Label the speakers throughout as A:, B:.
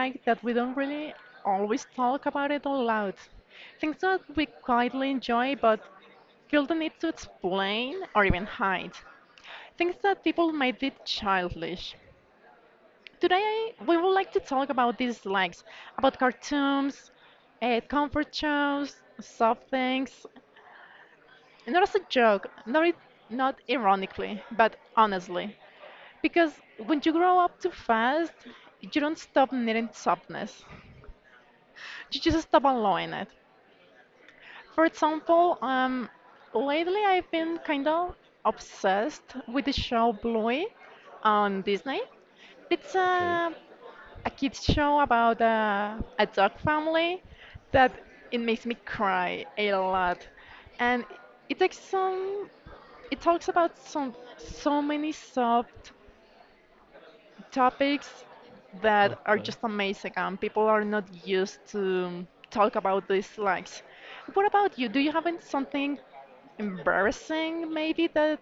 A: like that we don't really always talk about it aloud. Things that we quietly enjoy but feel the need to explain or even hide. Things that people might be childish. Today, we would like to talk about dislikes, about cartoons, comfort shows, soft things. Not as a joke, not ironically, but honestly. Because when you grow up too fast, you don't stop needing softness. You just stop allowing it. For example, lately I've been kind of obsessed with the show Bluey on Disney. It's
B: Okay.
A: a kids show about a dog family that it makes me cry a lot. And it takes some, it talks about some so many soft topics that are
B: Okay.
A: just amazing, and people are not used to talk about these things. What about you? Do you have something embarrassing maybe that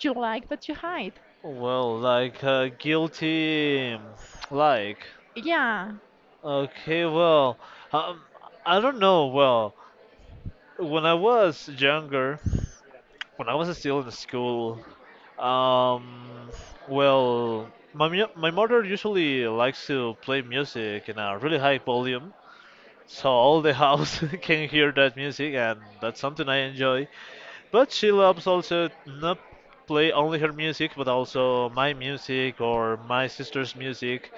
A: you like but you hide?
B: Well, guilty, like
A: Yeah.
B: okay. Well, um, I don't know. Well, when I was younger, when I was still in school, um, well, my mother usually likes to play music in a really high volume, so all the house can hear that music, and that's something I enjoy. But she loves also not play only her music, but also my music or my sister's music.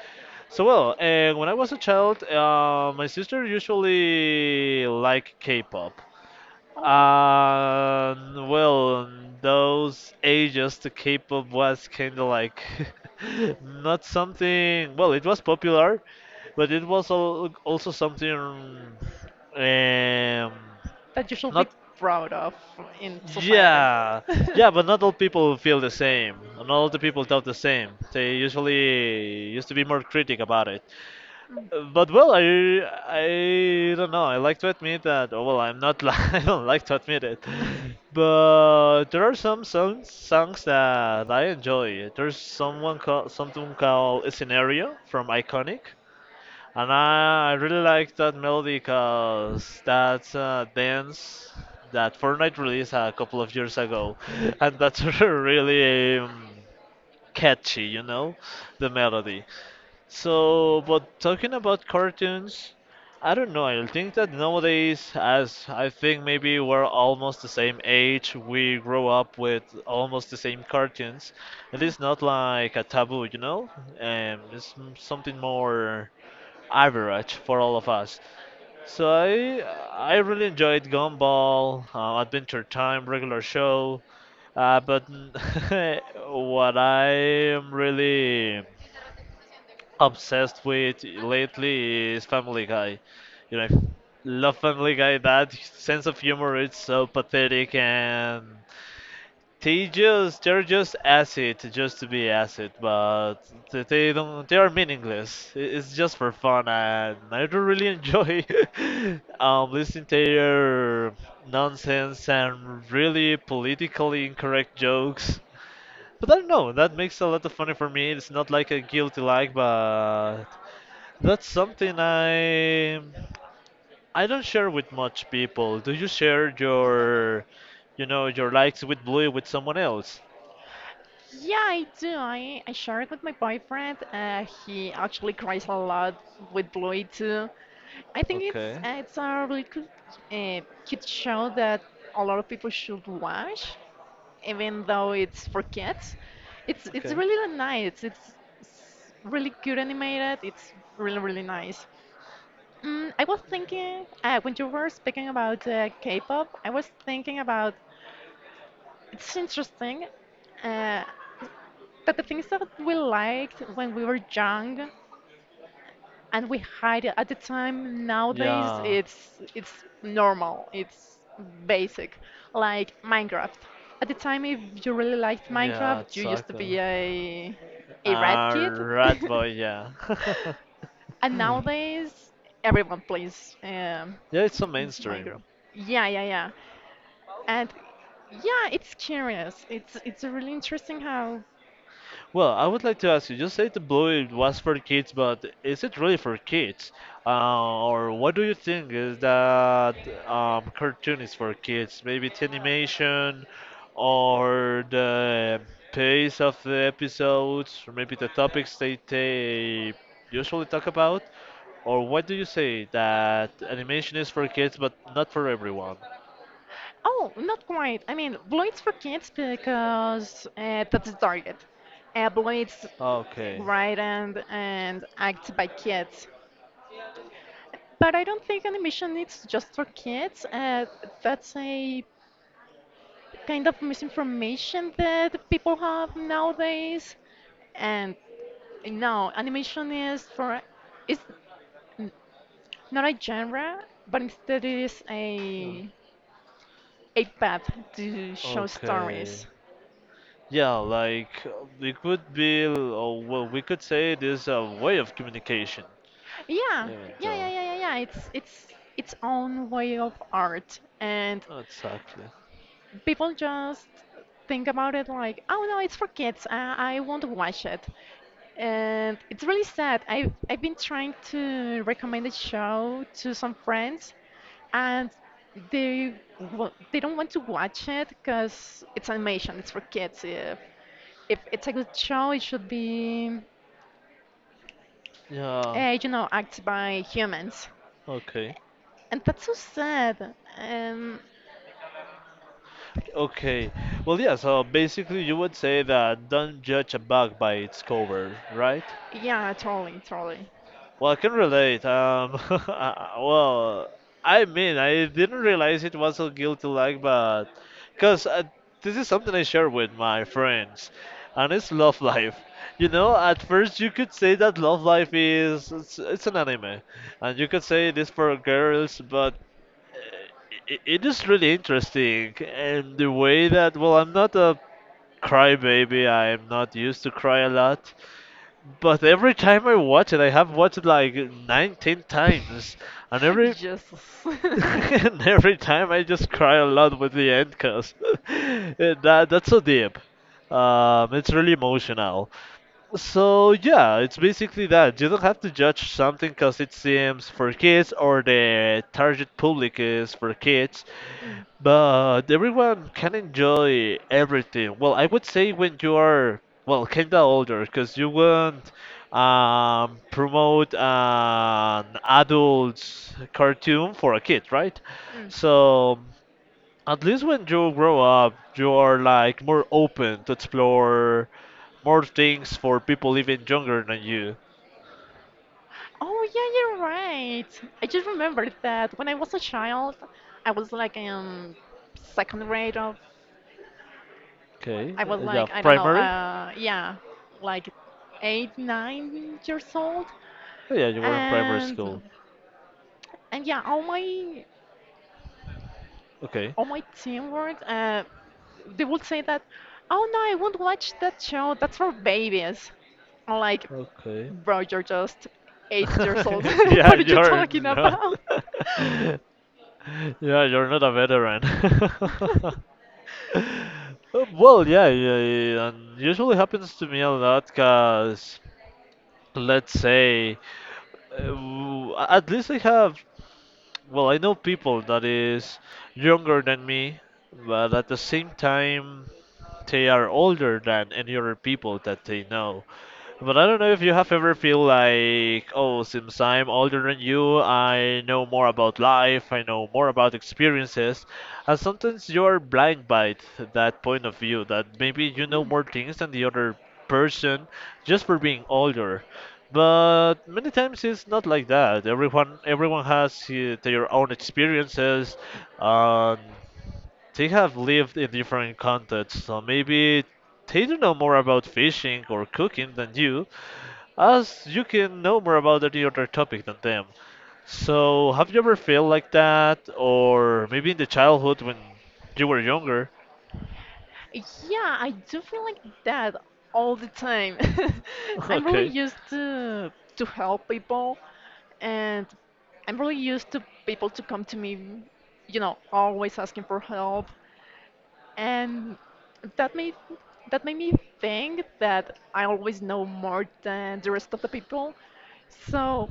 B: So well, when I was a child, my sister usually liked K-pop.
A: Okay.
B: And well, those ages, the K-pop was kind of like not something. Well, it was popular, but it was also something um,
A: That you should be
B: not
A: proud of in society.
B: yeah, yeah, but not all people feel the same. Not all the people thought the same. They usually used to be more critic about it.
A: Mm.
B: But well, I don't know. I like to admit that. Oh, well, I'm not. Li- I don't like to admit it. But there are some songs that I enjoy. There's someone called something called Scenario from Iconic. And I really like that melody because that's a dance that Fortnite released a couple of years ago. And that's really catchy, you know, the melody. So, but talking about cartoons, I don't know. I think that nowadays, as I think maybe we're almost the same age, we grow up with almost the same cartoons. It is not like a taboo, you know? It's something more average for all of us. So I really enjoyed Gumball, Adventure Time, regular show, but what I am really obsessed with lately is Family Guy. You know, I love Family Guy. That sense of humor is so pathetic and they're just acid just to be acid, but they don't they are meaningless. It's just for fun, and I do really enjoy listening to their nonsense and really politically incorrect jokes. But I don't know, that makes a lot of funny for me. It's not like a guilty like, but that's something I don't share with much people. Do you share you know your likes with Blue with someone else?
A: Yeah, I do. I share it with my boyfriend. He actually cries a lot with Bluey too. I think
B: Okay.
A: it's a really good, cute show that a lot of people should watch, even though it's for kids. It's
B: Okay.
A: really nice. It's really good animated. It's really really nice. Mm, I was thinking when you were speaking about K-pop, I was thinking about it's interesting uh, that the things that we liked when we were young and we hide it at the time nowadays
B: Yeah.
A: it's normal, it's basic, like Minecraft. At the time, if you really liked
B: Yeah.
A: Minecraft, you used to
B: Exactly.
A: be a red
B: Uh,
A: kid.
B: Rat Boy. Yeah.
A: And
B: yeah.
A: nowadays, everyone plays
B: It's so
A: Minecraft.
B: mainstream.
A: Yeah, yeah, yeah. And yeah, it's curious. It's really interesting how.
B: Well, I would like to ask you, you said the Blue it was for kids, but is it really for kids? Or what do you think is that cartoon is for kids? Maybe it's animation or the pace of the episodes, or maybe the topics they usually talk about? Or what do you say that animation is for kids but not for everyone?
A: Oh, not quite. I mean, Bloid's for kids because that's the target. Bloid's
B: Okay.
A: right and acted by kids. But I don't think animation is just for kids. That's a kind of misinformation that people have nowadays, and no, animation is for it's not a genre, but instead it is
B: Uh,
A: a path to show
B: Okay.
A: stories.
B: Yeah, it would be, or well, we could say it is a way of communication,
A: Yeah,
B: even
A: yeah, yeah,
B: though.
A: yeah, yeah, yeah. It's its own way of art, and
B: Exactly.
A: people just think about it like, oh no, it's for kids. I won't watch it. And it's really sad. I've been trying to recommend the show to some friends, and they they don't want to watch it because it's animation. It's for kids. If it's a good show, it should be,
B: Yeah.
A: you know, acted by humans.
B: Okay.
A: And that's so sad.
B: Okay. Well, yeah, so basically you would say that don't judge a bug by its cover, right?
A: Yeah, totally, totally.
B: Well, I can relate. Well, I mean, I didn't realize it was a guilty like, but because this is something I share with my friends, and it's love life. You know, at first you could say that love life is it's an anime, and you could say it is for girls, but it is really interesting, and the way that well, I'm not a crybaby. I'm not used to cry a lot, but every time I watch it, I have watched it like 19 times, and every
A: Yes.
B: and every time I just cry a lot with the end cause that's so deep. It's really emotional. So yeah, it's basically that. You don't have to judge something because it seems for kids or the target public is for kids,
A: Mm,
B: but everyone can enjoy everything. Well, I would say when you are well, kinda older, because you won't promote an adult cartoon for a kid, right?
A: mm.
B: So at least when you grow up, you are like more open to explore more things for people even younger than you.
A: Oh yeah, you're right. I just remembered that when I was a child, I was like in second grade of,
B: Okay,
A: I was
B: yeah,
A: like, I don't know,
B: primary.
A: yeah, like eight, 9 years old.
B: Oh, yeah, you were in primary
A: And
B: school.
A: and yeah,
B: Okay,
A: all my teamwork, they would say that, oh no, I won't watch that show. That's for babies. I'm like,
B: okay.
A: bro, you're just 8 years old.
B: yeah,
A: What are you
B: you're
A: talking
B: not.
A: about?
B: yeah, you're not a veteran. Well, yeah, yeah, yeah, and usually happens to me a lot, cause let's say, at least I have Well, I know people that is younger than me, but at the same time, they are older than any other people that they know. But I don't know if you have ever feel like, oh, since I'm older than you, I know more about life, I know more about experiences, and sometimes you're blind by that point of view, that maybe you know
A: Hmm.
B: more things than the other person just for being older. But many times it's not like that. Everyone has their own experiences, and they have lived in different contexts. So maybe they do know more about fishing or cooking than you, as you can know more about any other topic than them. So, have you ever felt like that, or maybe in the childhood when you were younger?
A: Yeah, I do feel like that all the time. I'm really
B: okay.
A: used to help people, and I'm really used to people to come to me, you know, always asking for help. And that made that made me think that I always know more than the rest of the people. So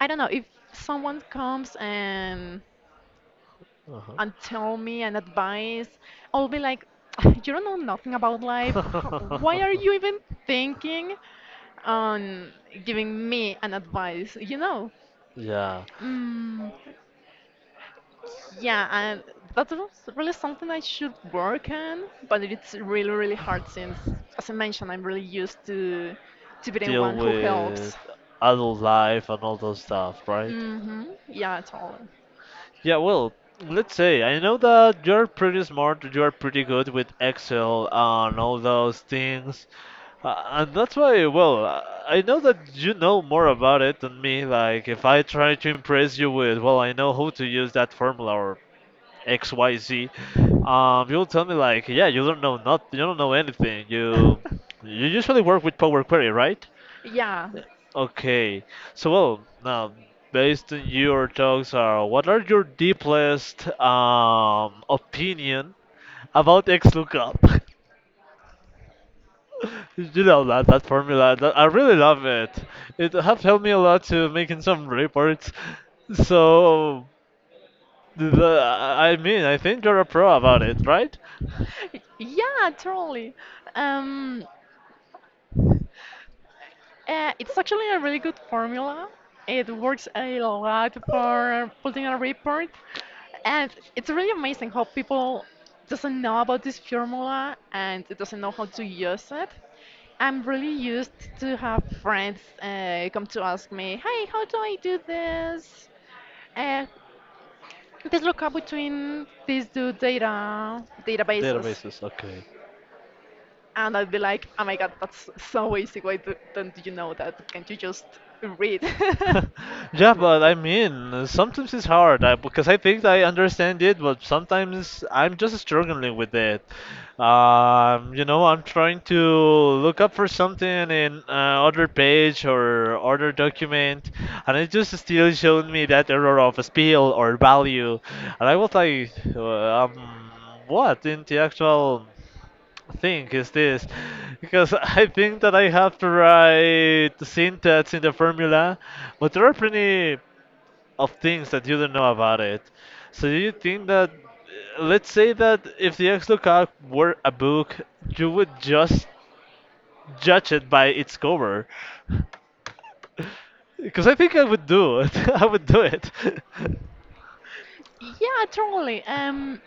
A: I don't know, if someone comes
B: Uh-huh.
A: and tell me an advice, I'll be like, "Ah, you don't know nothing about life. How, why are you even thinking on giving me an advice? You know,
B: yeah,
A: mm, yeah, and that's really something I should work on, but it's really really hard since, as I mentioned, I'm really used to be the
B: deal
A: one who
B: with
A: helps.
B: adult life and all those stuff, right?
A: Mm-hmm. Yeah, totally.
B: Yeah, well, let's say I know that you're pretty smart, you're pretty good with Excel and all those things. Uh, and that's why, well, I know that you know more about it than me. Like, if I try to impress you with, well, I know how to use that formula or X, Y, Z, you'll tell me like, yeah, you don't know not, you don't know anything. You usually work with Power Query, right?
A: Yeah,
B: Okay. So, well, now based on your talks, are what are your deepest opinion about XLOOKUP? You know that formula. That, I really love it. It have helped me a lot to making some reports. So, I mean, I think you're a pro about it, right?
A: yeah, totally. Um, it's actually a really good formula. It works a lot for putting a report, and it's really amazing how people doesn't know about this formula and doesn't know how to use it. I'm really used to have friends come to ask me, "Hey, how do I do this? Uh, this lookup between these two databases."
B: Databases. Okay.
A: And I'd be like, oh my god, that's so easy. Why do, don't you know that? Can't you just read?
B: Yeah, but I mean, sometimes it's hard because I think I understand it, but sometimes I'm just struggling with it. You know, I'm trying to look up for something in other page or other document, and it just still showed me that error of spell or value, and I was like, what in the actual? Thing is this because I think that I have to write syntax in the formula, but there are plenty of things that you don't know about it. So do you think that let's say that if the XLookup were a book, you would just judge it by its cover? Because I think I would do it. I would do it.
A: Yeah, totally.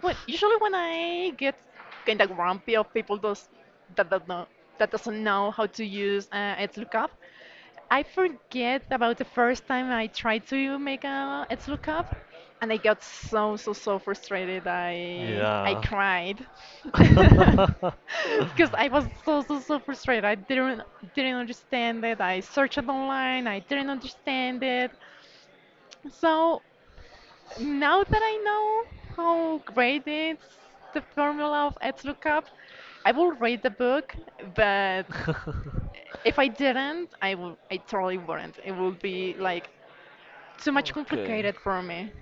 A: When, usually when I get kind of grumpy of people those that don't know that doesn't know how to use its lookup, I forget about the first time I tried to make a Etsy lookup, and I got so so so frustrated. I
B: Yeah.
A: cried because I was so so so frustrated. I didn't understand it. I searched online. I didn't understand it. So now that I know how great it's the formula of Ed lookup, I will read the book, but if I didn't, I totally wouldn't. It would be like too much
B: Okay.
A: complicated for me.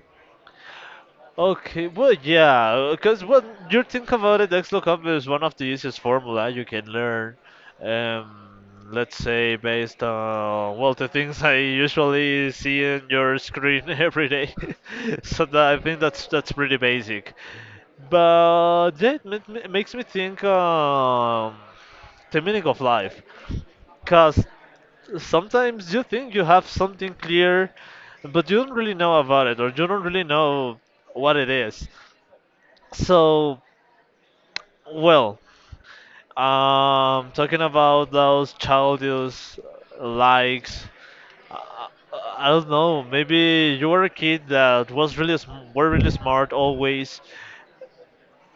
B: Okay, well, yeah, because when you think about it, XLOOKUP is one of the easiest formula you can learn. Um, let's say based on well the things I usually see in your screen every day. so that, I think that's pretty basic. But yeah, it makes me think the meaning of life, because sometimes you think you have something clear, but you don't really know about it, or you don't really know what it is. So, well, talking about those childish likes, I, I don't know. Maybe you were a kid that was really were really smart always,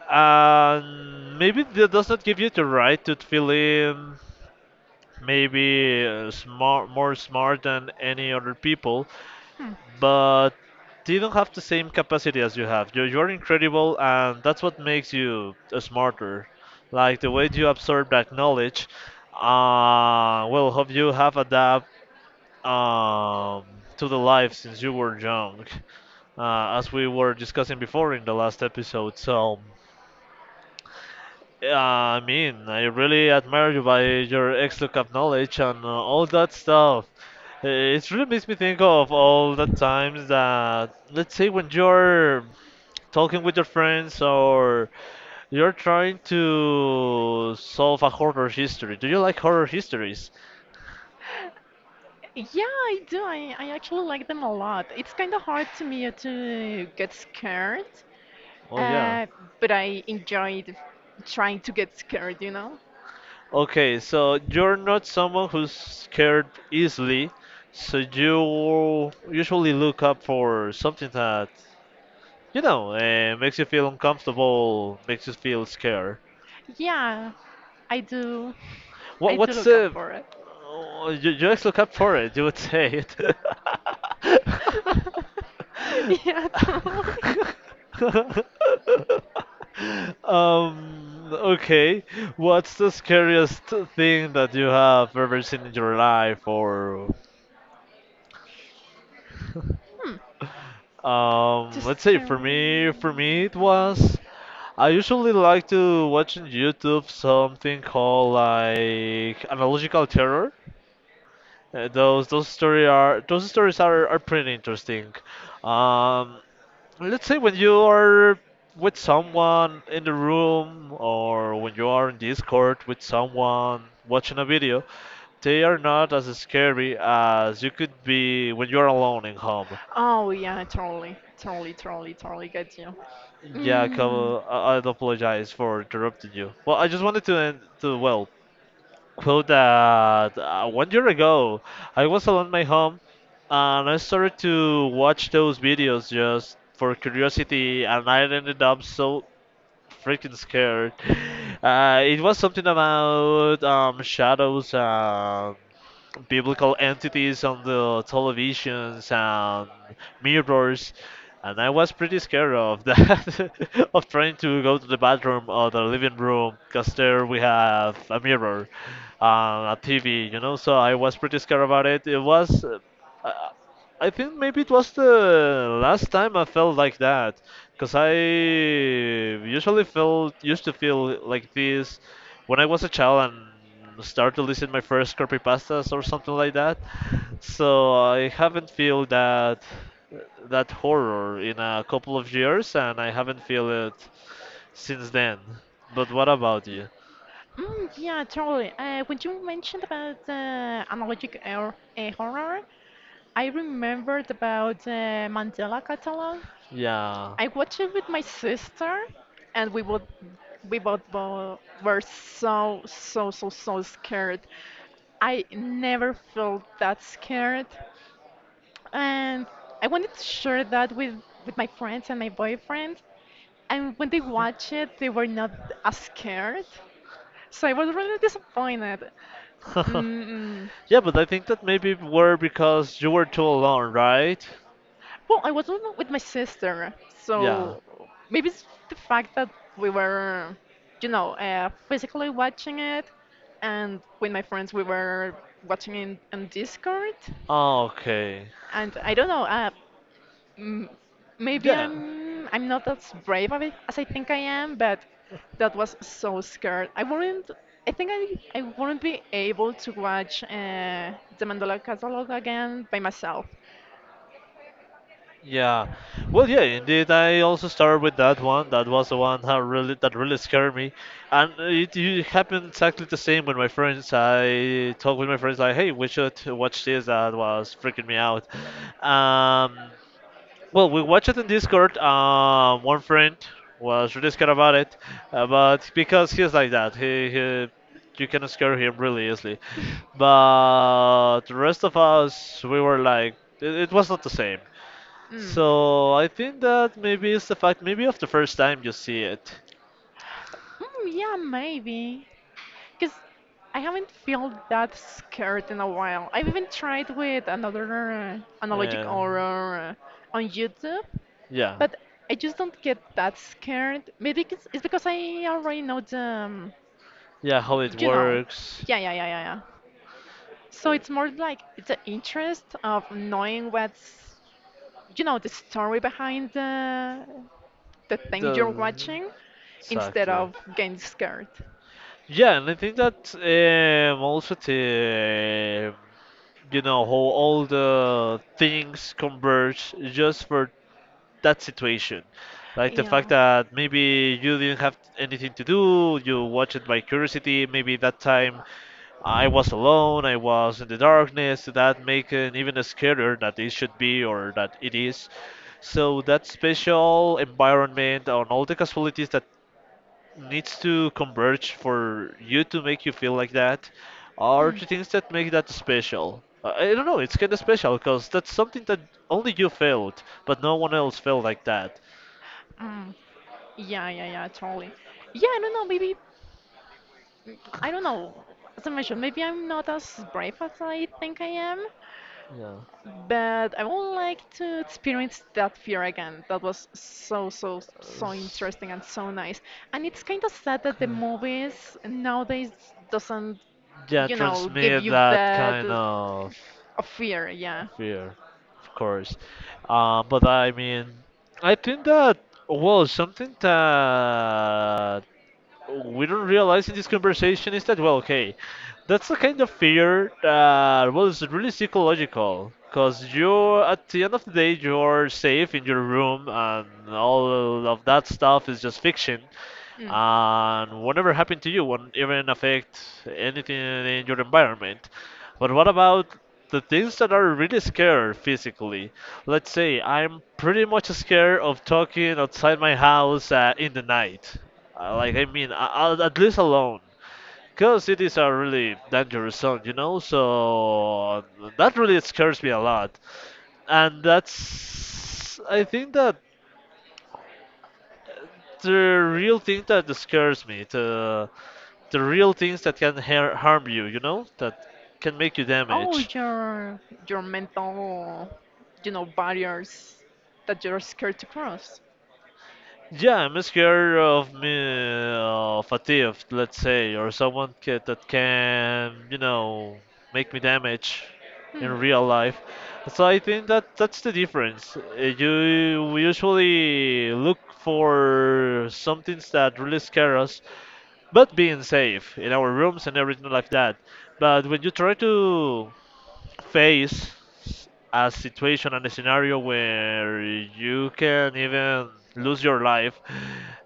B: and maybe that does not give you the right to feel in maybe smart more smart than any other people.
A: Hmm.
B: But they don't have the same capacity as you have. You're incredible, and that's what makes you smarter. Like the way you absorb that knowledge, well, hope you have adapt um, to the life since you were young, as we were discussing before in the last episode. So. Yeah, I mean, I really admire you by your ex-lookup knowledge and all that stuff. It really makes me think of all the times that, let's say, when you're talking with your friends or you're trying to solve a horror history. Do you like horror histories?
A: Yeah, I do. I actually like them a lot. It's kind of hard to me to get scared,
B: Oh, yeah.
A: uh, but I enjoyed trying to get scared, you know?
B: Okay, so you're not someone who's scared easily, so you usually look up for something that you know, makes you feel uncomfortable, makes you feel scared.
A: Yeah, I do. I do
B: What's
A: look up
B: the
A: for it.
B: oh, you actually look up for it, you would say it.
A: Yeah, totally.
B: Okay. What's the scariest thing that you have ever seen in your life or
A: Hmm. Just
B: Let's say
A: scary.
B: for me it was. I usually like to watch on YouTube something called like analogical terror. Those story are those stories are pretty interesting. Um, let's say when you are with someone in the room or when you are in Discord with someone watching a video, they are not as scary as you could be when you're alone in home.
A: Oh, yeah, totally. Totally, totally, totally get you.
B: Yeah,
A: Mm.
B: Cabo, I'd apologize for interrupting you. Well, I just wanted to well, quote that one year ago, I was alone my home, and I started to watch those videos just for curiosity, and I ended up so freaking scared. It was something about shadows and biblical entities on the televisions and mirrors, and I was pretty scared of that of trying to go to the bathroom or the living room because there we have a mirror, a TV, so I was pretty scared about it it was uh, I I think maybe it was the last time I felt like that, because I usually felt used to feel like this when I was a child and start to listen my first pastas or something like that. So I haven't feel that horror in a couple of years, and I haven't feel it since then. But what about you?
A: Mm, yeah, totally. When you mentioned about analogic horror, I remembered about Mandela Catalog.
B: Yeah.
A: I watched it with my sister, and we both were so so so so scared. I never felt that scared, and I wanted to share that with my friends and my boyfriend. And when they watched it, they were not as scared. So I was really disappointed. Mm,
B: Yeah, but I think that maybe were because you were too alone, right?
A: well, I was not with my sister,
B: Yeah.
A: so maybe it's the fact that we were, you know, physically watching it, and with my friends we were watching it on Discord,
B: Oh, okay.
A: and I don't know. Mm, maybe
B: Yeah.
A: I'm not as brave of it as I think I am, but that was so scared. I wouldn't. I think I wouldn't be able to watch the Mandela Catalog again by myself.
B: Yeah. Well, yeah, indeed. I also started with that one. That was the one that really scared me, and it happened exactly the same with my friends. I talked with my friends like, "Hey, we should watch this." That was freaking me out. Um, well, we watched it in Discord. One friend was really scared about it, but because he's like that, he you can scare him really easily. But the rest of us, we were like, it was not the same.
A: Mm.
B: So I think that maybe it's the fact, maybe of the first time you see it,
A: Mm, yeah, maybe. Because I haven't felt that scared in a while. I've even tried with another analogic
B: and
A: horror on YouTube,
B: yeah,
A: but I just don't get that scared. Maybe it's because I already know the,
B: yeah, how it
A: you know,
B: works,
A: yeah, yeah, yeah, yeah, yeah.
B: uh,
A: So it's more like the interest of knowing what's, you know, the story behind the thing you're
B: the
A: watching, instead
B: exactly.
A: of getting scared.
B: Yeah, and I think that also the you know how all the things converge just for that situation, like the fact
A: Yeah.
B: that maybe you didn't have anything to do, you watch it by curiosity. Maybe that time I was alone, I was in the darkness, that make it even scarier that it should be or that it is. So that special environment on all the casualties that needs to converge for you to make you feel like that are
A: Hmm.
B: the things that make that special. I don't know, it's kind of special because that's something that only you felt, but no one else felt like that.
A: Mm. Yeah, yeah, yeah, totally. Yeah, I don't know, maybe, I don't know. As I mentioned, maybe I'm not as brave as I think I am,
B: Yeah.
A: but I would like to experience that fear again. That was so, so,
B: Uh,
A: so
B: s-
A: interesting and so nice. And it's kind of sad that
B: Okay.
A: the movies nowadays doesn't,
B: Yeah,
A: you know, give
B: transmit
A: you
B: that
A: that
B: kind of
A: a fear, yeah.
B: fear, of course. But I mean, I think that, well, something that we don't realize in this conversation is that, well, okay, that's the kind of fear that, well, it's really psychological, because, you at the end of the day, you're safe in your room and all of that stuff is just fiction and whatever happened to you won't even affect anything in your environment. But what about the things that are really scared physically? Let's say I'm pretty much scared of talking outside my house, in the night, like, I mean, at least alone, because it is a really dangerous zone. So that really scares me a lot, and that's, I think that the real thing that scares me, the real things that can harm you, that can make you damage.
A: your your mental, you know, barriers that you're scared to cross.
B: Yeah, I'm scared of me of a thief, let's say, or someone that can make me damage in
A: Hmm.
B: real life. So I think that that's the difference. You we usually look for some things that really scare us, but being safe in our rooms and everything like that. But when you try to face a situation and a scenario where you can even lose your life,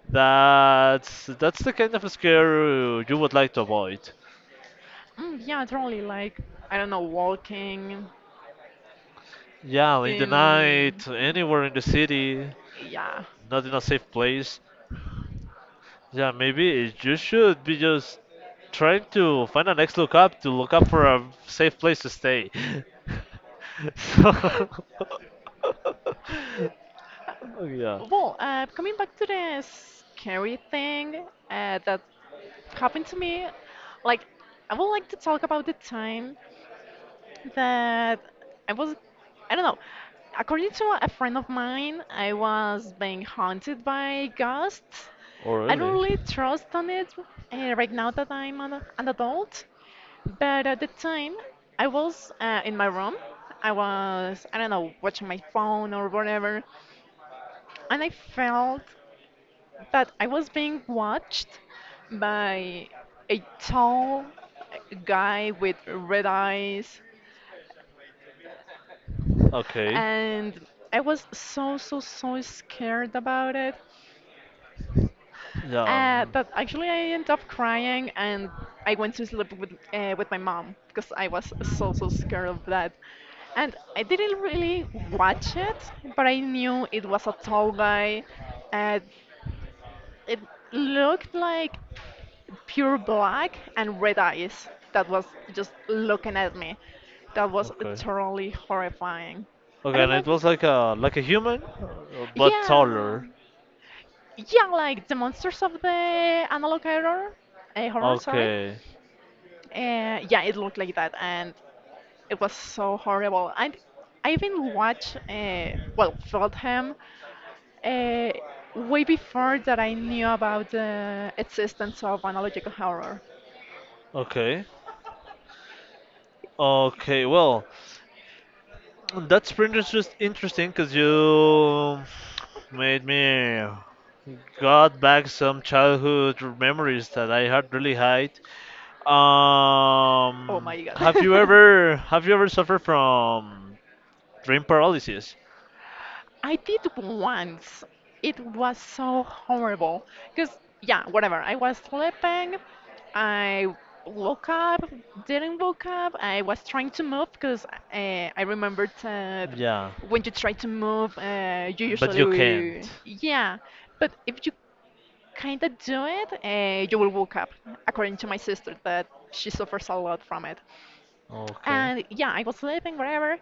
B: that's the kind of scare you would like to avoid.
A: Mm, yeah, totally. Like, I don't know, walking
B: Yeah, in the
A: in.
B: night, anywhere in the city,
A: Yeah.
B: not in a safe place. Yeah, maybe you should be just trying to find a next look up to look up for a safe place to stay. So, yeah.
A: Well, coming back to the scary thing that happened to me, like, I would like to talk about the time that I was, I don't know. According to a friend of mine, I was being haunted by ghosts.
B: Oh,
A: I don't
B: really?
A: really trust on it right now that I'm an adult. But at the time, I was in my room. I was, I don't know, watching my phone or whatever. And I felt that I was being watched by a tall guy with red eyes,
B: Okay.
A: and I was so so so scared about it.
B: Yeah. Mm,
A: But actually, I ended up crying, and I went to sleep with my mom because I was so so scared of that. And I didn't really watch it, but I knew it was a tall guy. Uh, it looked like pure black and red eyes that was just looking at me. That was
B: okay.
A: totally horrifying. I
B: Okay,
A: don't
B: and
A: know.
B: it
A: If...
B: was like a human, but
A: Yeah,
B: taller.
A: yeah, like the monsters of the analog horror, horror, sorry.
B: Okay.
A: Yeah, it looked like that, and it was so horrible. I even watched, well, felt him, uh, way before that I knew about the existence of analogical horror.
B: Okay. Okay. Well, that's pretty interesting because you made me got back some childhood memories that I had really hide.
A: Oh my god.
B: Have you ever suffered from dream paralysis?
A: I did once. It was so horrible. Because, yeah, whatever. I was sleeping. I woke up, didn't woke up. I was trying to move because I remembered that
B: Yeah,
A: when you try to move, you
B: but you
A: usually,
B: can't.
A: yeah. But if you kind of do it, you will woke up, according to my sister, that she suffers a lot from it.
B: Okay.
A: And yeah, I was sleeping, whatever.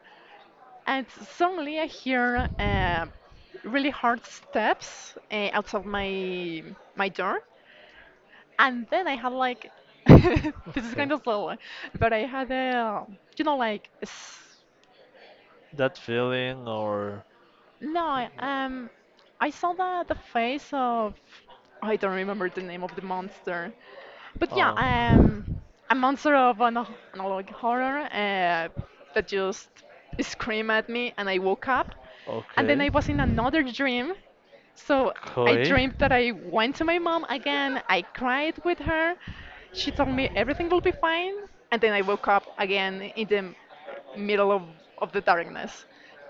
A: And suddenly I hear really hard steps outside my door, and then I had like this is
B: Okay.
A: kind of slow, but I had a you know like s-
B: That feeling or
A: no I- I saw the face of I don't remember the name of the monster, but yeah
B: uh,
A: a monster of an analog horror that just screamed at me, and I woke up, and then
B: okay.
A: I was in another dream. So I
B: Okay.
A: dreamt that I went to my mom again. I cried with her. She told me everything will be fine. And then I woke up again in the middle of the darkness.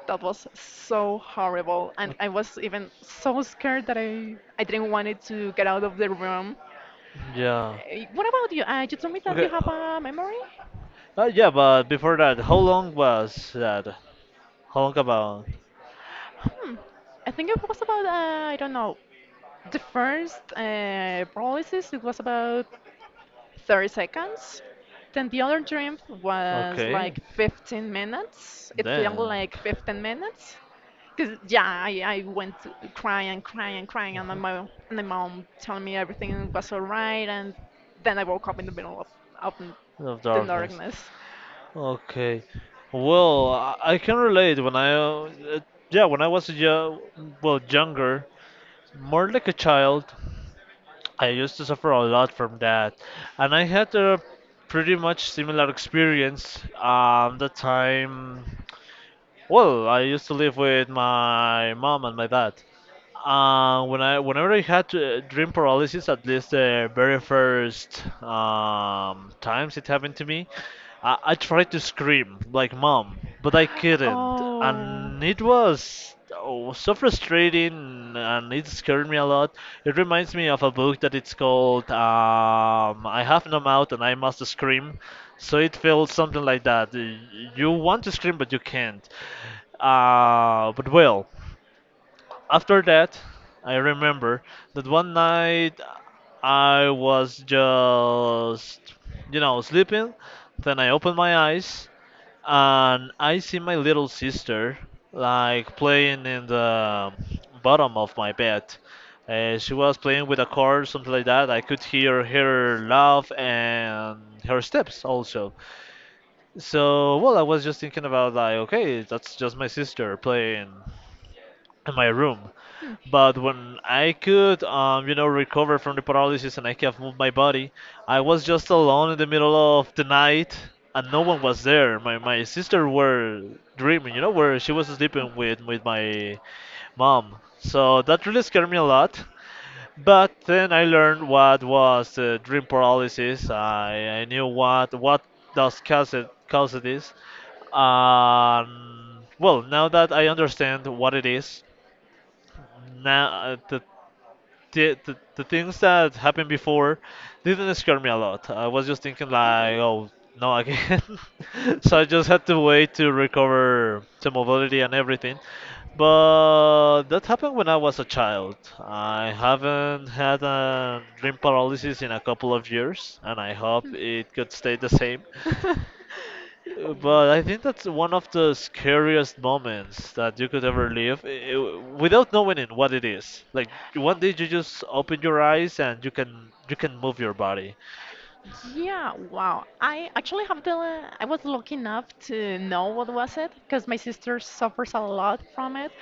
A: That was so horrible.
B: Uh,
A: And I was even so scared that I didn't want it to get out of the room.
B: Yeah.
A: What about you? You told me that you
B: Okay.
A: have a memory?
B: Yeah, but before that, how long was that? How long about?
A: Hmm. I think it was about, I don't know, the first paralysis. It was about 30 seconds. Then the other dream was
B: Okay.
A: like 15 minutes. It felt
B: Then.
A: like 15 minutes. Because, yeah, I went to cry and cry and crying,
B: uh
A: and my mom telling me everything was all right. And then I woke up in the middle of
B: Of
A: the
B: darkness.
A: darkness.
B: Okay. Well, I can relate. When I was a yo well, younger, more like a child, I used to suffer a lot from that, and I had a pretty much similar experience. The time, well, I used to live with my mom and my dad. Whenever I had dream paralysis, at least the very first times it happened to me, I tried to scream like mom, but I couldn't,
A: Oh.
B: and it was, oh, so frustrating, and it scared me a lot. It reminds me of a book that it's called "I Have No Mouth and I Must Scream," so it feels something like that. You want to scream, but you can't. But, well, after that, I remember that one night I was just sleeping. Then I opened my eyes and I see my little sister like playing in the bottom of my bed. She was playing with a cord, something like that. I could hear her laugh and her steps also. So, well, I was just thinking about like, okay, that's just my sister playing in my room.
A: Hmm.
B: But when I could, recover from the paralysis, and I could have moved my body, I was just alone in the middle of the night and no one was there. My sister were dreaming, where she was sleeping with my mom. So that really scared me a lot. But then I learned what was dream paralysis. I knew what does cause this. Well, now that I understand what it is, now, the things that happened before didn't scare me a lot. I was just thinking
A: Okay.
B: like, oh, no again. So I just had to wait to recover to mobility and everything. But that happened when I was a child. I haven't had a dream paralysis in a couple of years, and I hope it could stay the same. But I think that's one of the scariest moments that you could ever live without knowing it, what it is. Like one day you
A: W-
B: just open your eyes and you can move your body.
A: Yeah, wow. I actually have the, I was lucky enough to know what was it because my sister suffers a lot from it.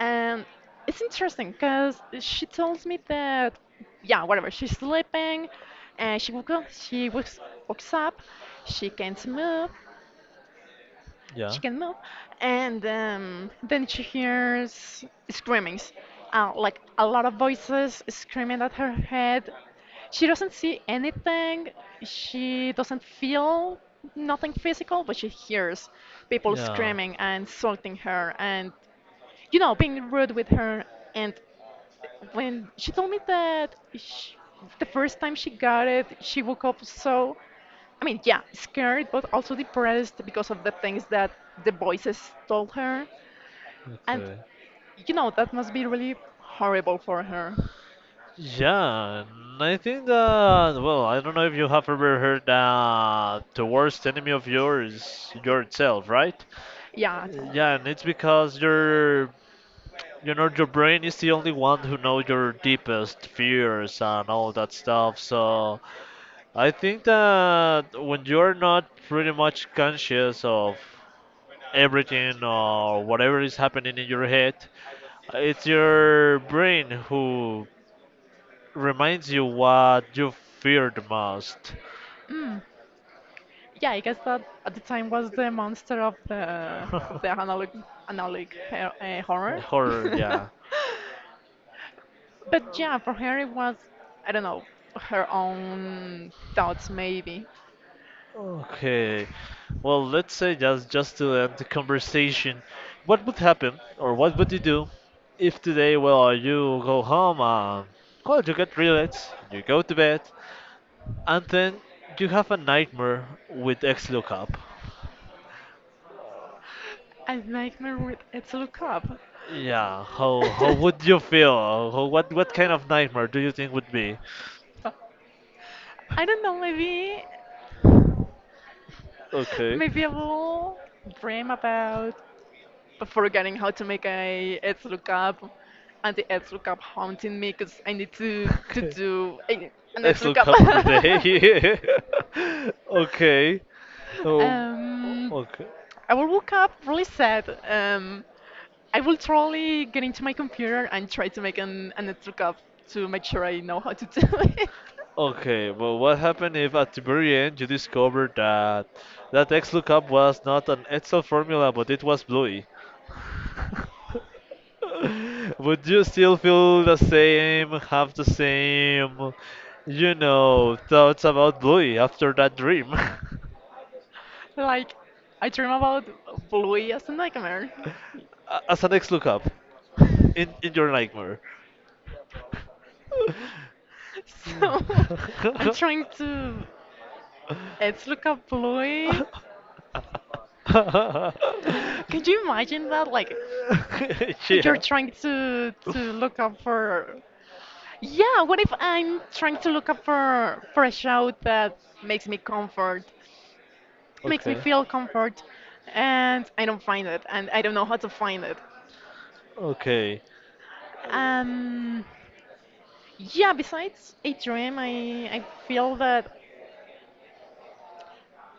A: And it's interesting because she tells me that, yeah, whatever, she's sleeping and she woke up, she wakes, up, she can't move,
B: Yeah.
A: chicken mom, and then she hears screamings, like a lot of voices screaming at her head. She doesn't see anything. She doesn't feel nothing physical, but she hears people
B: Yeah.
A: screaming and insulting her, and you know, being rude with her. And when she told me that sh the first time she got it, she woke up so I mean, yeah, scared, but also depressed because of the things that the voices told her. And,
B: Okay.
A: you know, that must be really horrible for her.
B: Yeah, and I think that, well, I don't know if you have ever heard that the worst enemy of yours is yourself, right?
A: Yeah, so.
B: Yeah, and it's because your brain is the only one who knows your deepest fears and all that stuff. So I think that when you're not pretty much conscious of everything or whatever is happening in your head, it's your brain who reminds you what you fear the most.
A: Yeah, I guess that at the time was the monster of the analog her, horror.
B: Horror, yeah.
A: But yeah, for her it was I don't know her own thoughts maybe.
B: Okay. Well, let's say just to end the conversation, what would happen or what would you do if today, well, you go home, well, you get relaxed, you go to bed, and then you have a nightmare with XLOOKUP.
A: I like my read. It's a look up.
B: Yeah, how would you feel? How, what kind of nightmare do you think would be?
A: I don't know. Maybe
B: Okay.
A: I will dream about forgetting how to make a ads lookup and the ads lookup haunting me because I need to
B: Okay.
A: do a, an ads lookup.
B: XLOOKUP every day. Okay. So
A: um,
B: okay.
A: I will woke up really sad. I will probably get into my computer and try to make an ads lookup to make sure I know how to do it.
B: Okay, but what happened if at the very end you discovered that that XLOOKUP was not an Excel formula but it was Bluey? Would you still feel the same, have the same thoughts about Bluey after that dream? A-
A: Like, I dream about Bluey as a nightmare.
B: As an next lookup in your nightmare.
A: So,
B: Yeah.
A: I'm trying to ads lookup Bluey. Can you imagine that? Like, so you're
B: Yeah.
A: trying to look up for yeah, what if I'm trying to look up for a show that makes me comfort, makes me
B: Okay.
A: feel comfort, and I don't find it, and I don't know how to find it.
B: Okay.
A: Um, yeah. Besides Atrium, I feel that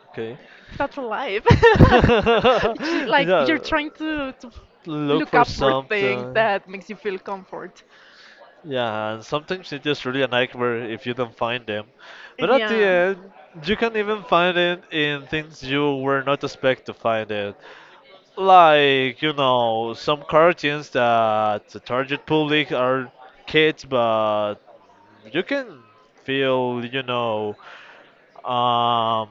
B: Okay.
A: that's alive. Like you're
B: Yeah.
A: trying to
B: Look
A: look
B: for
A: up for things
B: something.
A: that makes you feel comfort.
B: Yeah, and sometimes it's just really a nightmare if you don't find them. But at the
A: Yeah.
B: end, you can even find it in things you were not expect to find it. Like, some cartoons that the target public are kids, but you can feel, um,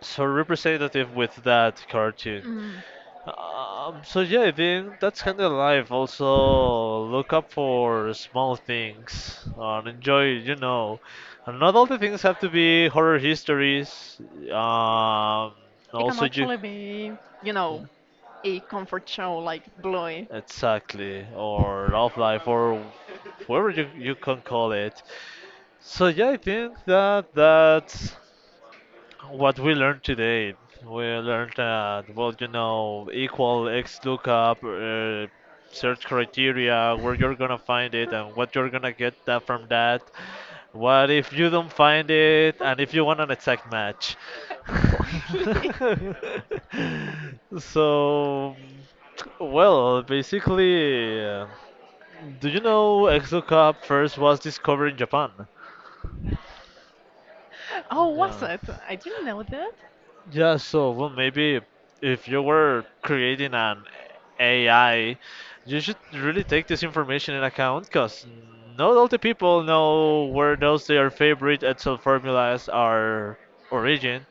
B: so representative with that cartoon.
A: Mm,
B: So yeah, I think that's kind of life. Also, look up for small things and enjoy. And not all the things have to be horror histories. Um,
A: it can
B: Also you,
A: actually be, you
B: yeah,
A: know, a comfort show like Bluey.
B: exactly, or love life, or whatever you can call it. So yeah, I think that that's what we learned today. We learned that, well, equal X lookup, search criteria, where you're gonna find it, and what you're gonna get that from that. What if you don't find it, and if you want an exact match?
A: Exactly.
B: So, well, basically, do you know X lookup first was discovered in Japan?
A: Oh, was
B: Yeah.
A: it? I didn't know that.
B: Yeah, so well, maybe if you were creating an AI, you should really take this information in account because not all the people know where those their favorite Excel formulas are origin.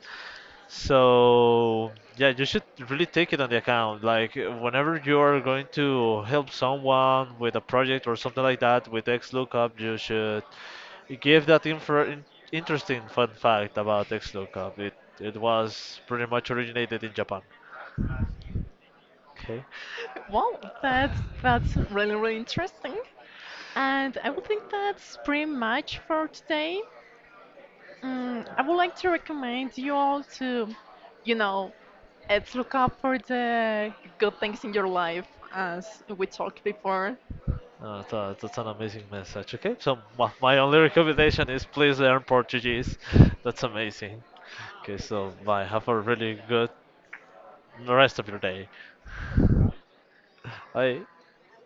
B: So yeah, you should really take it on the account. Like, whenever you are going to help someone with a project or something like that with X lookup, you should it gave that interesting fun fact about X-Lookup. It was pretty much originated in Japan. Okay.
A: Well,
B: Uh,
A: that's really interesting. And I would think that's pretty much for today. Mm, I would like to recommend you all to, you know, let's look up for the good things in your life, as we talked before.
B: that's an amazing message. Okay, so my only recommendation is please learn Portuguese. That's amazing. Okay, so bye. Have a really good rest of your day. Bye.